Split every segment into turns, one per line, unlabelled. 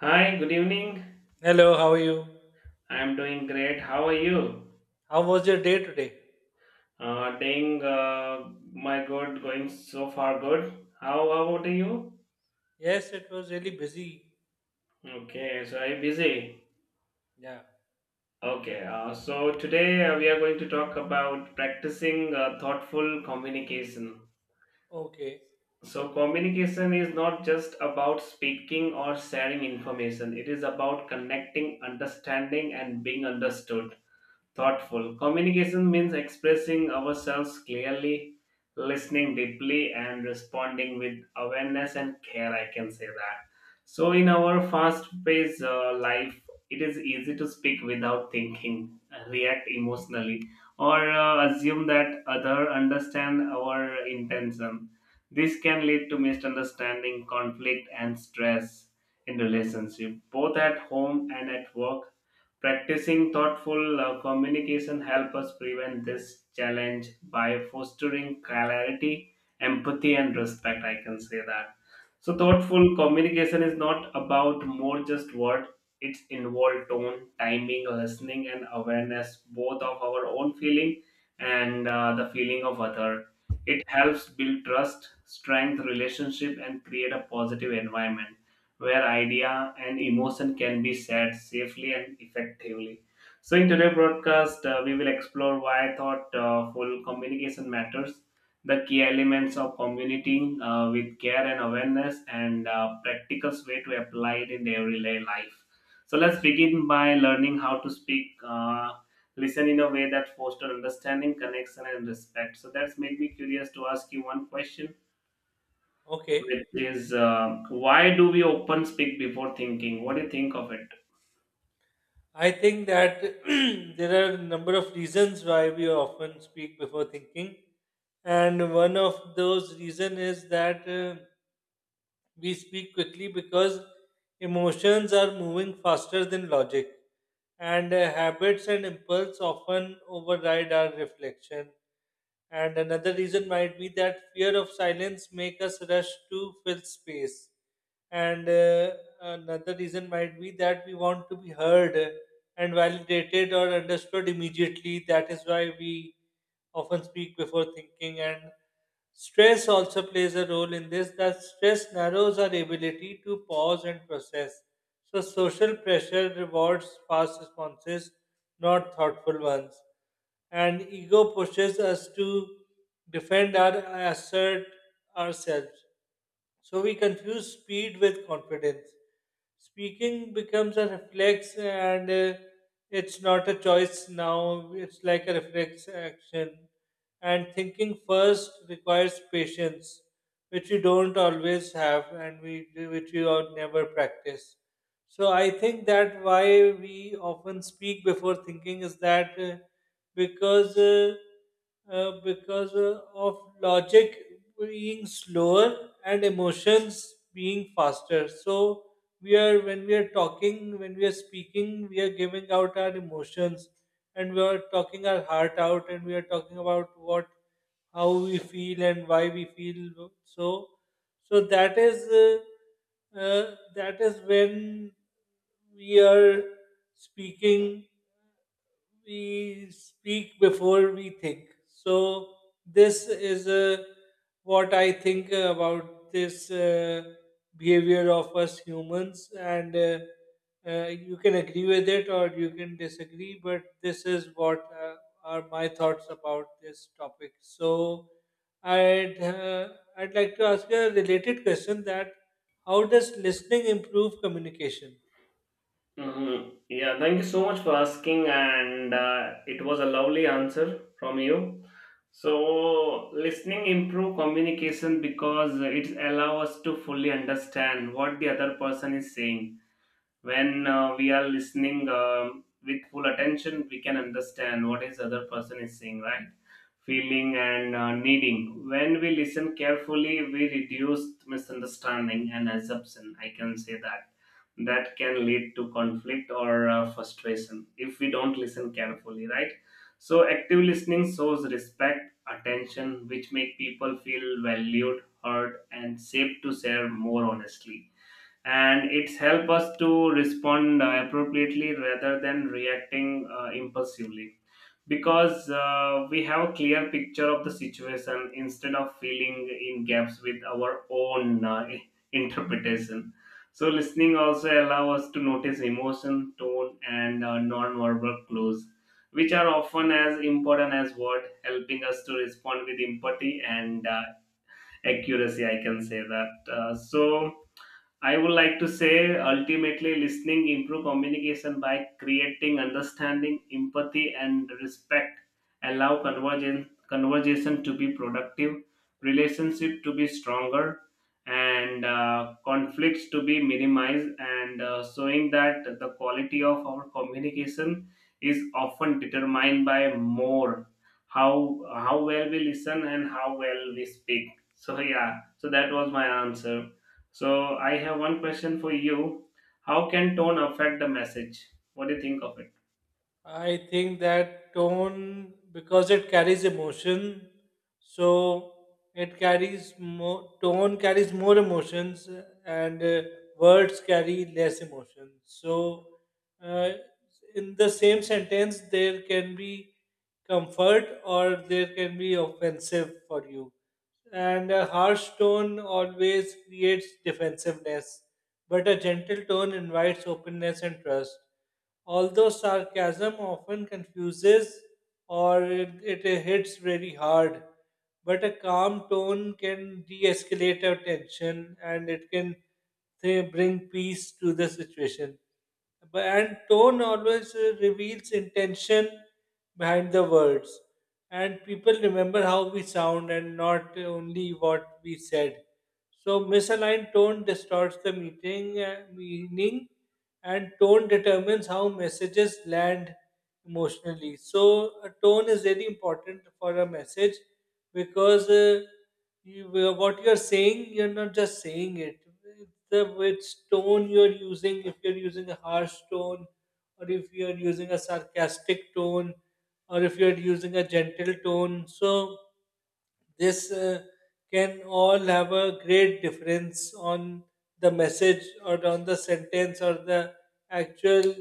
Hi, good evening.
Hello, how are you?
I'm doing great. How are you?
How was your day today?
Doing my good, going so far good. How about you?
Yes, it was really busy.
Okay, so are you busy.
Yeah.
Okay, so today we are going to talk about practicing thoughtful communication.
Okay.
So, communication is not just about speaking or sharing information, it is about connecting, understanding, and being understood. Thoughtful. Communication means expressing ourselves clearly, listening deeply, and responding with awareness and care. I can say that. So, in our fast paced life, it is easy to speak without thinking, react emotionally, or assume that other understand our intention. This can lead to misunderstanding, conflict, and stress in relationship, both at home and at work. Practicing thoughtful communication help us prevent this challenge by fostering clarity, empathy, and respect. I can say that. So, thoughtful communication is not about more just word. It's involved tone, timing, listening, and awareness, both of our own feeling and the feeling of other. It helps build trust, strength, relationship, and create a positive environment where idea and emotion can be shared safely and effectively. So, in today's broadcast, we will explore why thoughtful communication matters, the key elements of communicating with care and awareness, and practical way to apply it in everyday life. So, let's begin by learning how to speak. Listen in a way that fosters understanding connection and respect. So that's made me curious to ask you one question, which
Okay.
is why do we often speak before thinking? What do you think of it?
I think that there are a number of reasons why we often speak before thinking. And one of those reason is that we speak quickly because emotions are moving faster than logic, and habits and impulse often override our reflection. And another reason might be that fear of silence make us rush to fill space and another reason might be that we want to be heard and validated or understood immediately, that is why we often speak before thinking, and stress also plays a role in this, that stress narrows our ability to pause and process, so social pressure rewards fast responses, not thoughtful ones, and ego pushes us to defend our, assert ourselves, so we confuse speed with confidence. Speaking becomes a reflex and it's not a choice now, it's like a reflex action. And thinking first requires patience, which we don't always have and we which we all never practice. So I think that why we often speak before thinking is that. Because uh, because of logic being slower and emotions being faster. So we are when we are talking, when we are speaking, we are giving out our emotions and we are talking our heart out and we are talking about what how we feel and why we feel so. So that is when we are speaking, we speak before we think. So this is what I think about this behavior of us humans, and you can agree with it or you can disagree. But this is what are my thoughts about this topic. So I'd uh, I'd like to ask you a related question: that how does listening improve communication?
Yeah, thank you so much for asking, and it was a lovely answer from you. So, listening improve communication because it allows us to fully understand what the other person is saying. When we are listening with full attention, we can understand what is other person is saying, right, feeling and needing. When we listen carefully, we reduce misunderstanding and assumption, I can say that, that can lead to conflict or frustration if we don't listen carefully, right. So active listening shows respect, attention, which make people feel valued, heard, and safe to share more honestly, and it's help us to respond appropriately rather than reacting impulsively, because we have a clear picture of the situation instead of filling in gaps with our own interpretation. So listening also allow us to notice emotion, tone, and non-verbal clues, which are often as important as word, helping us to respond with empathy and accuracy, I can say that. So I would like to say ultimately listening improve communication by creating understanding, empathy, and respect. Allow convergence conversation to be productive, relationship to be stronger, and conflicts to be minimized, and showing that the quality of our communication is often determined by more how well we listen and how well we speak. So yeah, so that was my answer. So I have one question for you. How can tone affect the message? What do you think of it?
I think that tone, because it carries emotion, so tone carries more emotions and words carry less emotion. So, uh, in the same sentence, there can be comfort or there can be offensive for you. And a harsh tone always creates defensiveness, but a gentle tone invites openness and trust, although sarcasm often confuses or it hits very hard, but a calm tone can de escalate a tension and it can say, bring peace to the situation. And tone always reveals intention behind the words. And people remember how we sound and not only what we said. So, misaligned tone distorts the meaning, and tone determines how messages land emotionally. So, a tone is very important for a message because what you're saying, you're not just saying it. The which tone you're using, if you're using a harsh tone, or if you're using a sarcastic tone, or if you're using a gentle tone. So, this can all have a great difference on the message or on the sentence or the actual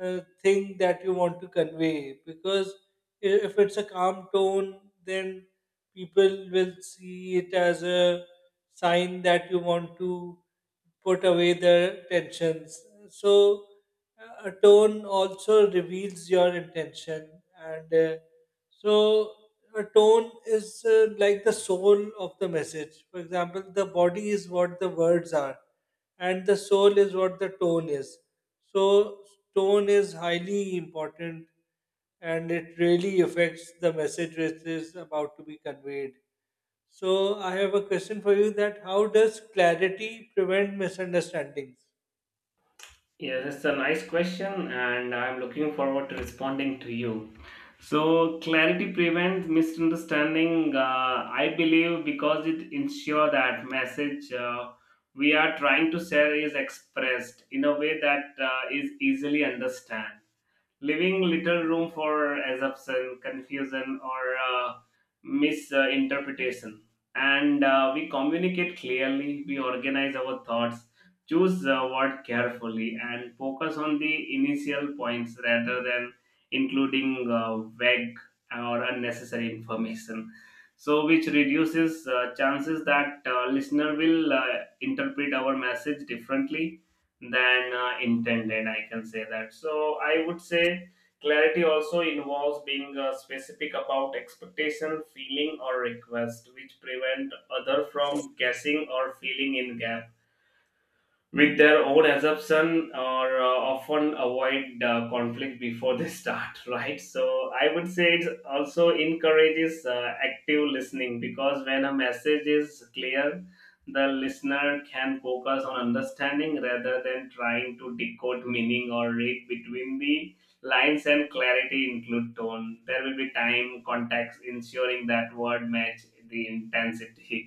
thing that you want to convey because if it's a calm tone, then people will see it as a sign that you want to put away the tensions. So a tone also reveals your intention, and so a tone is like the soul of the message. For example, the body is what the words are, and the soul is what the tone is. So, tone is highly important and it really affects the message which is about to be conveyed. So, I have a question for you that how does clarity prevent misunderstandings?
Yes, it's a nice question, and I'm looking forward to responding to you. So, clarity prevents misunderstanding. I believe because it ensures that message we are trying to share is expressed in a way that is easily understood, leaving little room for assumption, confusion, or uh, misinterpretation. And we communicate clearly, we organize our thoughts, choose the word carefully, and focus on the initial points rather than including vague or unnecessary information. So, which reduces chances that listener will interpret our message differently than intended, I can say that. So I would say clarity also involves being specific about expectation, feeling, or request, which prevent other from guessing or filling in gaps with their own assumption, or often avoid conflict before they start right. So I would say it also encourages active listening, because when a message is clear, the listener can focus on understanding rather than trying to decode meaning or read between the lines. And clarity include tone, there will be time, context, ensuring that word match the intensity.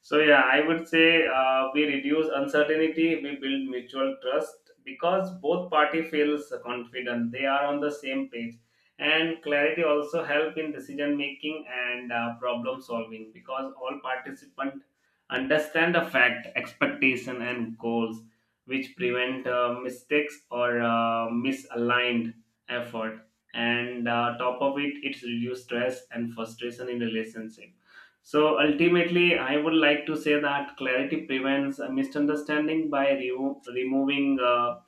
So yeah, I would say we reduce uncertainty, we build mutual trust because both party feels confident. They are on the same page, and clarity also help in decision making and problem solving, because all participant understand the fact, expectation, and goals, which prevent mistakes or misaligned effort. And top of it, it's reduce stress and frustration in relationship. So ultimately, I would like to say that clarity prevents a misunderstanding by removing uh,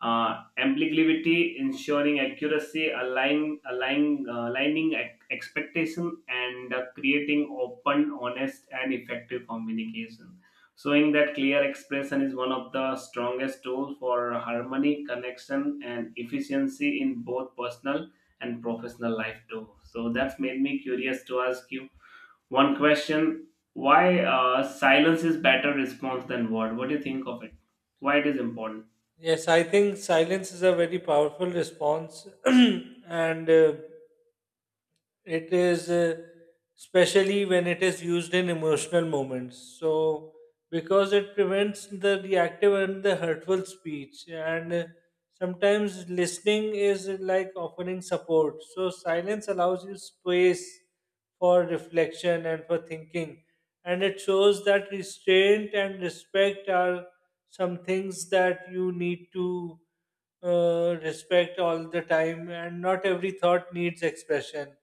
uh, ambiguity, ensuring accuracy, aligning expectation, and creating open, honest, and effective communication. Showing that clear expression is one of the strongest tools for harmony, connection, and efficiency in both personal and professional life too. So that's made me curious to ask you one question: why silence is better response than word? What do you think of it? Why it is important?
Yes, I think silence is a very powerful response, and it is especially when it is used in emotional moments, so because it prevents the reactive and the hurtful speech, and sometimes listening is like offering support, so silence allows you space for reflection and for thinking, and it shows that restraint and respect are some things that you need to respect all the time, and not every thought needs expression.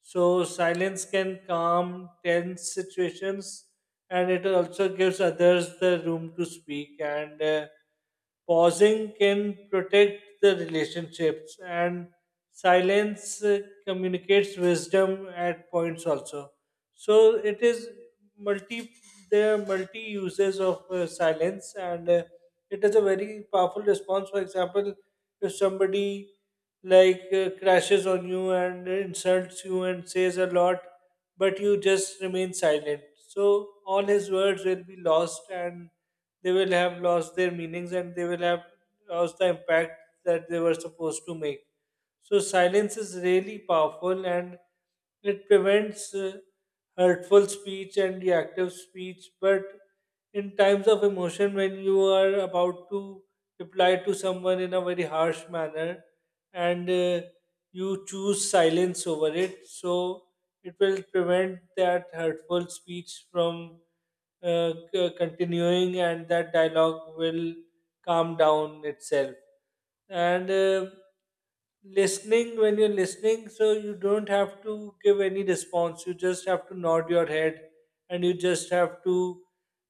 So silence can calm tense situations, and it also gives others the room to speak. And pausing can protect the relationships, and silence communicates wisdom at points also. So it is multi. There are multi uses of silence, and it is a very powerful response. For example, if somebody like crashes on you and insults you and says a lot, but you just remain silent. So all his words will be lost and they will have lost their meanings and they will have lost the impact that they were supposed to make. So silence is really powerful and it prevents hurtful speech and reactive speech. But in times of emotion, when you are about to reply to someone in a very harsh manner, and you choose silence over it. So it will prevent that hurtful speech from continuing, and that dialogue will calm down itself. And listening, when you're listening, so you don't have to give any response. You just have to nod your head, and you just have to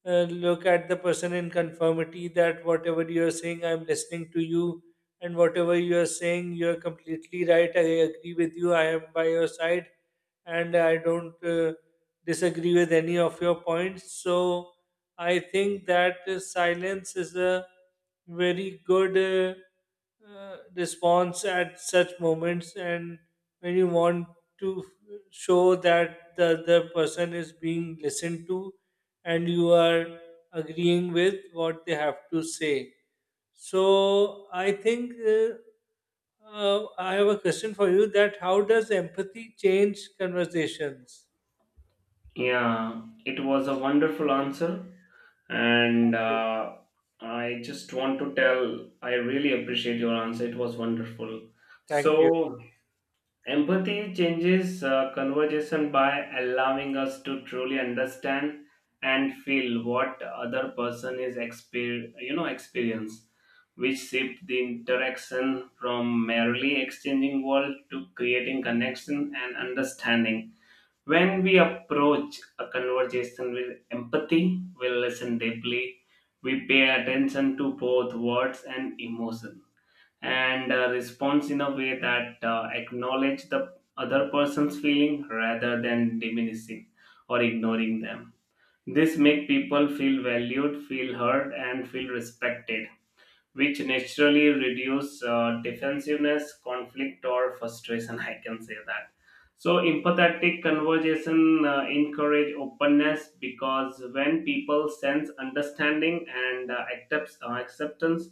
look at the person in conformity, that whatever you're saying, I'm listening to you, and whatever you are saying, you are completely right. I agree with you. I am by your side, and I don't disagree with any of your points. So I think that silence is a very good response at such moments, and when you want to show that the other person is being listened to, and you are agreeing with what they have to say. So I think I have a question for you that how does empathy change conversations?
Yeah, it was a wonderful answer, and
Yeah.
I just want to tell I really appreciate your answer. It was wonderful.
Thank you.
So empathy changes conversation by allowing us to truly understand and feel what other person is experience, which shift the interaction from merely exchanging words to creating connection and understanding. When we approach a conversation with empathy, we listen deeply, we pay attention to both words and emotion, and responds in a way that acknowledge the other person's feeling rather than diminishing or ignoring them. This make people feel valued, feel heard, and feel respected, which naturally reduce defensiveness, conflict, or frustration. I can say that. So empathetic conversation encourage openness, because when people sense understanding and acceptance,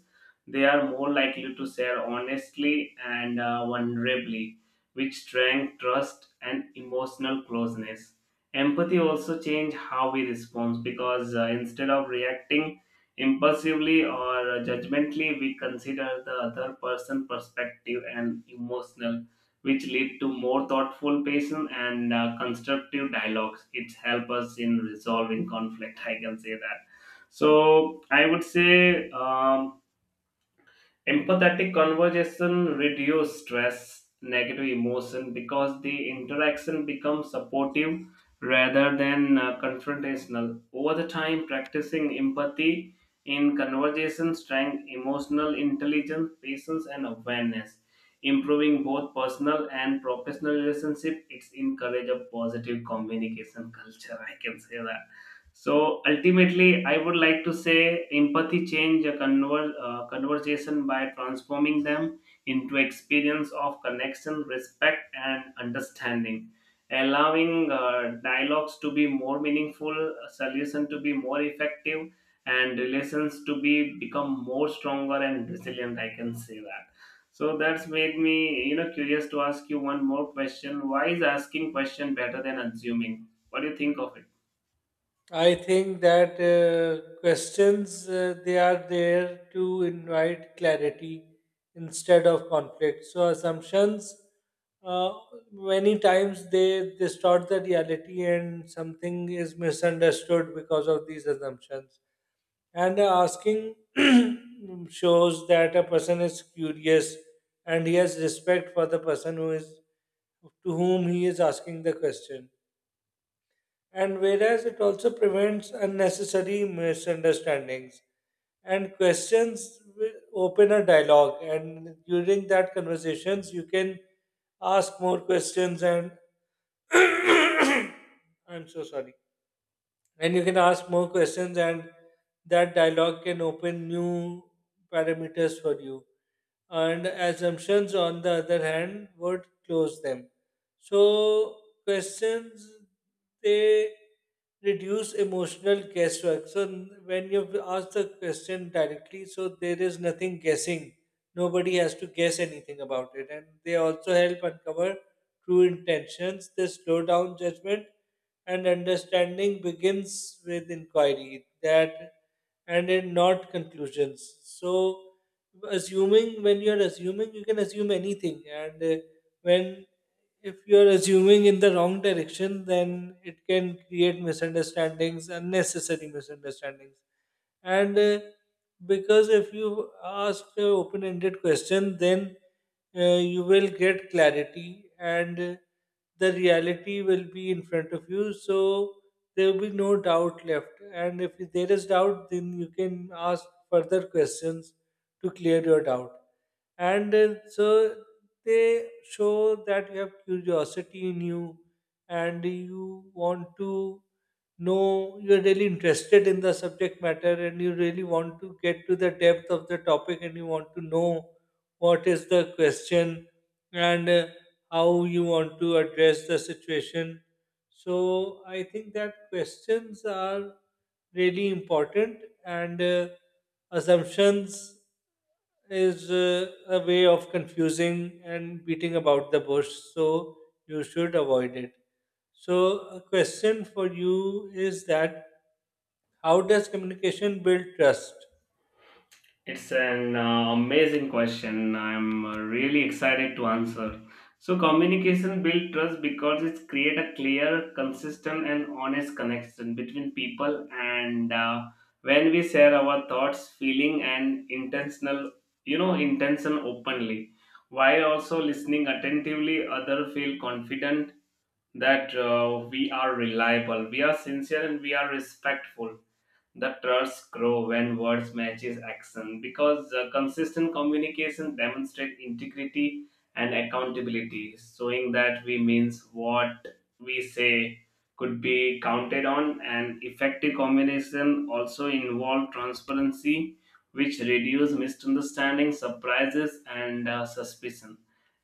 they are more likely to share honestly and vulnerably, which strength trust and emotional closeness. Empathy also change how we respond, because instead of reacting impulsively or judgmentally, we consider the other person perspective and emotional, which lead to more thoughtful, patient, and constructive dialogues. It helps us in resolving conflict. I can say that. So I would say. Empathetic conversation reduce stress, negative emotion, because the interaction becomes supportive rather than confrontational. Over the time, practicing empathy in conversation strength, emotional intelligence, patience, and awareness, improving both personal and professional relationship. It's encourage a positive communication culture. I can say that. So ultimately, I would like to say empathy change a conversation by transforming them into experience of connection, respect, and understanding, allowing dialogues to be more meaningful, solution to be more effective, and relations to be become more stronger and resilient. I can say that. So that's made me, you know, curious to ask you one more question. Why is asking question better than assuming? What do you think of it?
I think that questions they are there to invite clarity instead of conflict. So assumptions, uh, many times they distort the reality and something is misunderstood because of these assumptions. And asking shows that a person is curious and he has respect for the person who is, to whom he is asking the question, and whereas it also prevents unnecessary misunderstandings, and questions will open a dialogue, and during that conversations you can ask more questions and, I'm so sorry, and you can ask more questions, and that dialogue can open new parameters for you, and assumptions on the other hand would close them. So questions, they reduce emotional guesswork, so when you ask the question directly, so there is nothing guessing, nobody has to guess anything about it, and they also help uncover true intentions, they slow down judgment, and understanding begins with inquiry, that and in not conclusions. So assuming, when you're assuming, you can assume anything, and when if you're assuming in the wrong direction, then it can create misunderstandings, unnecessary misunderstandings, and because if you ask an open ended question, then you will get clarity, and the reality will be in front of you. So there will be no doubt left. And if there is doubt, then you can ask further questions to clear your doubt, and so they show that you have curiosity in you, and you want to know, you're really interested in the subject matter and you really want to get to the depth of the topic and you want to know what is the question, and how you want to address the situation. So I think that questions are really important, and assumptions is a way of confusing and beating about the bush, so you should avoid it. So, a question for you is that how does communication build trust?
It's an amazing question. I'm really excited to answer. So communication builds trust because it creates a clear, consistent, and honest connection between people. And when we share our thoughts, feeling, and intention openly, while also listening attentively, other feel confident that we are reliable, we are sincere, and we are respectful. The trust grow when words matches action, because consistent communication demonstrate integrity and accountability, showing that we means what we say could be counted on. And effective communication also involve transparency, which reduce misunderstanding, surprises, and suspicion,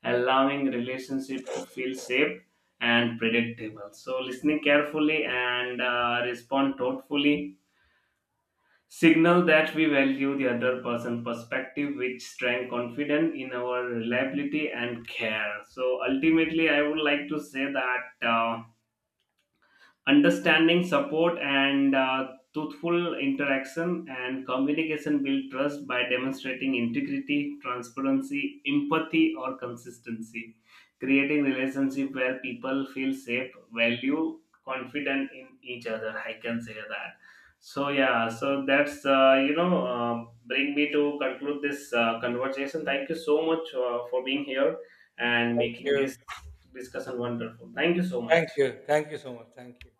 allowing relationship to feel safe and predictable. So listening carefully and respond thoughtfully signal that we value the other person perspective, which strength confidence in our reliability and care. So ultimately I would like to say that uh, understanding, support, and truthful interaction and communication build trust by demonstrating integrity, transparency, empathy, or consistency. Creating relationship where people feel safe, value, confident in each other. I can say that. So yeah, so that's bring me to conclude this conversation. Thank you so much for being here and
Thank
making
you.
this discussion wonderful. Thank you so
Thank
much.
you. Thank you so much. Thank you.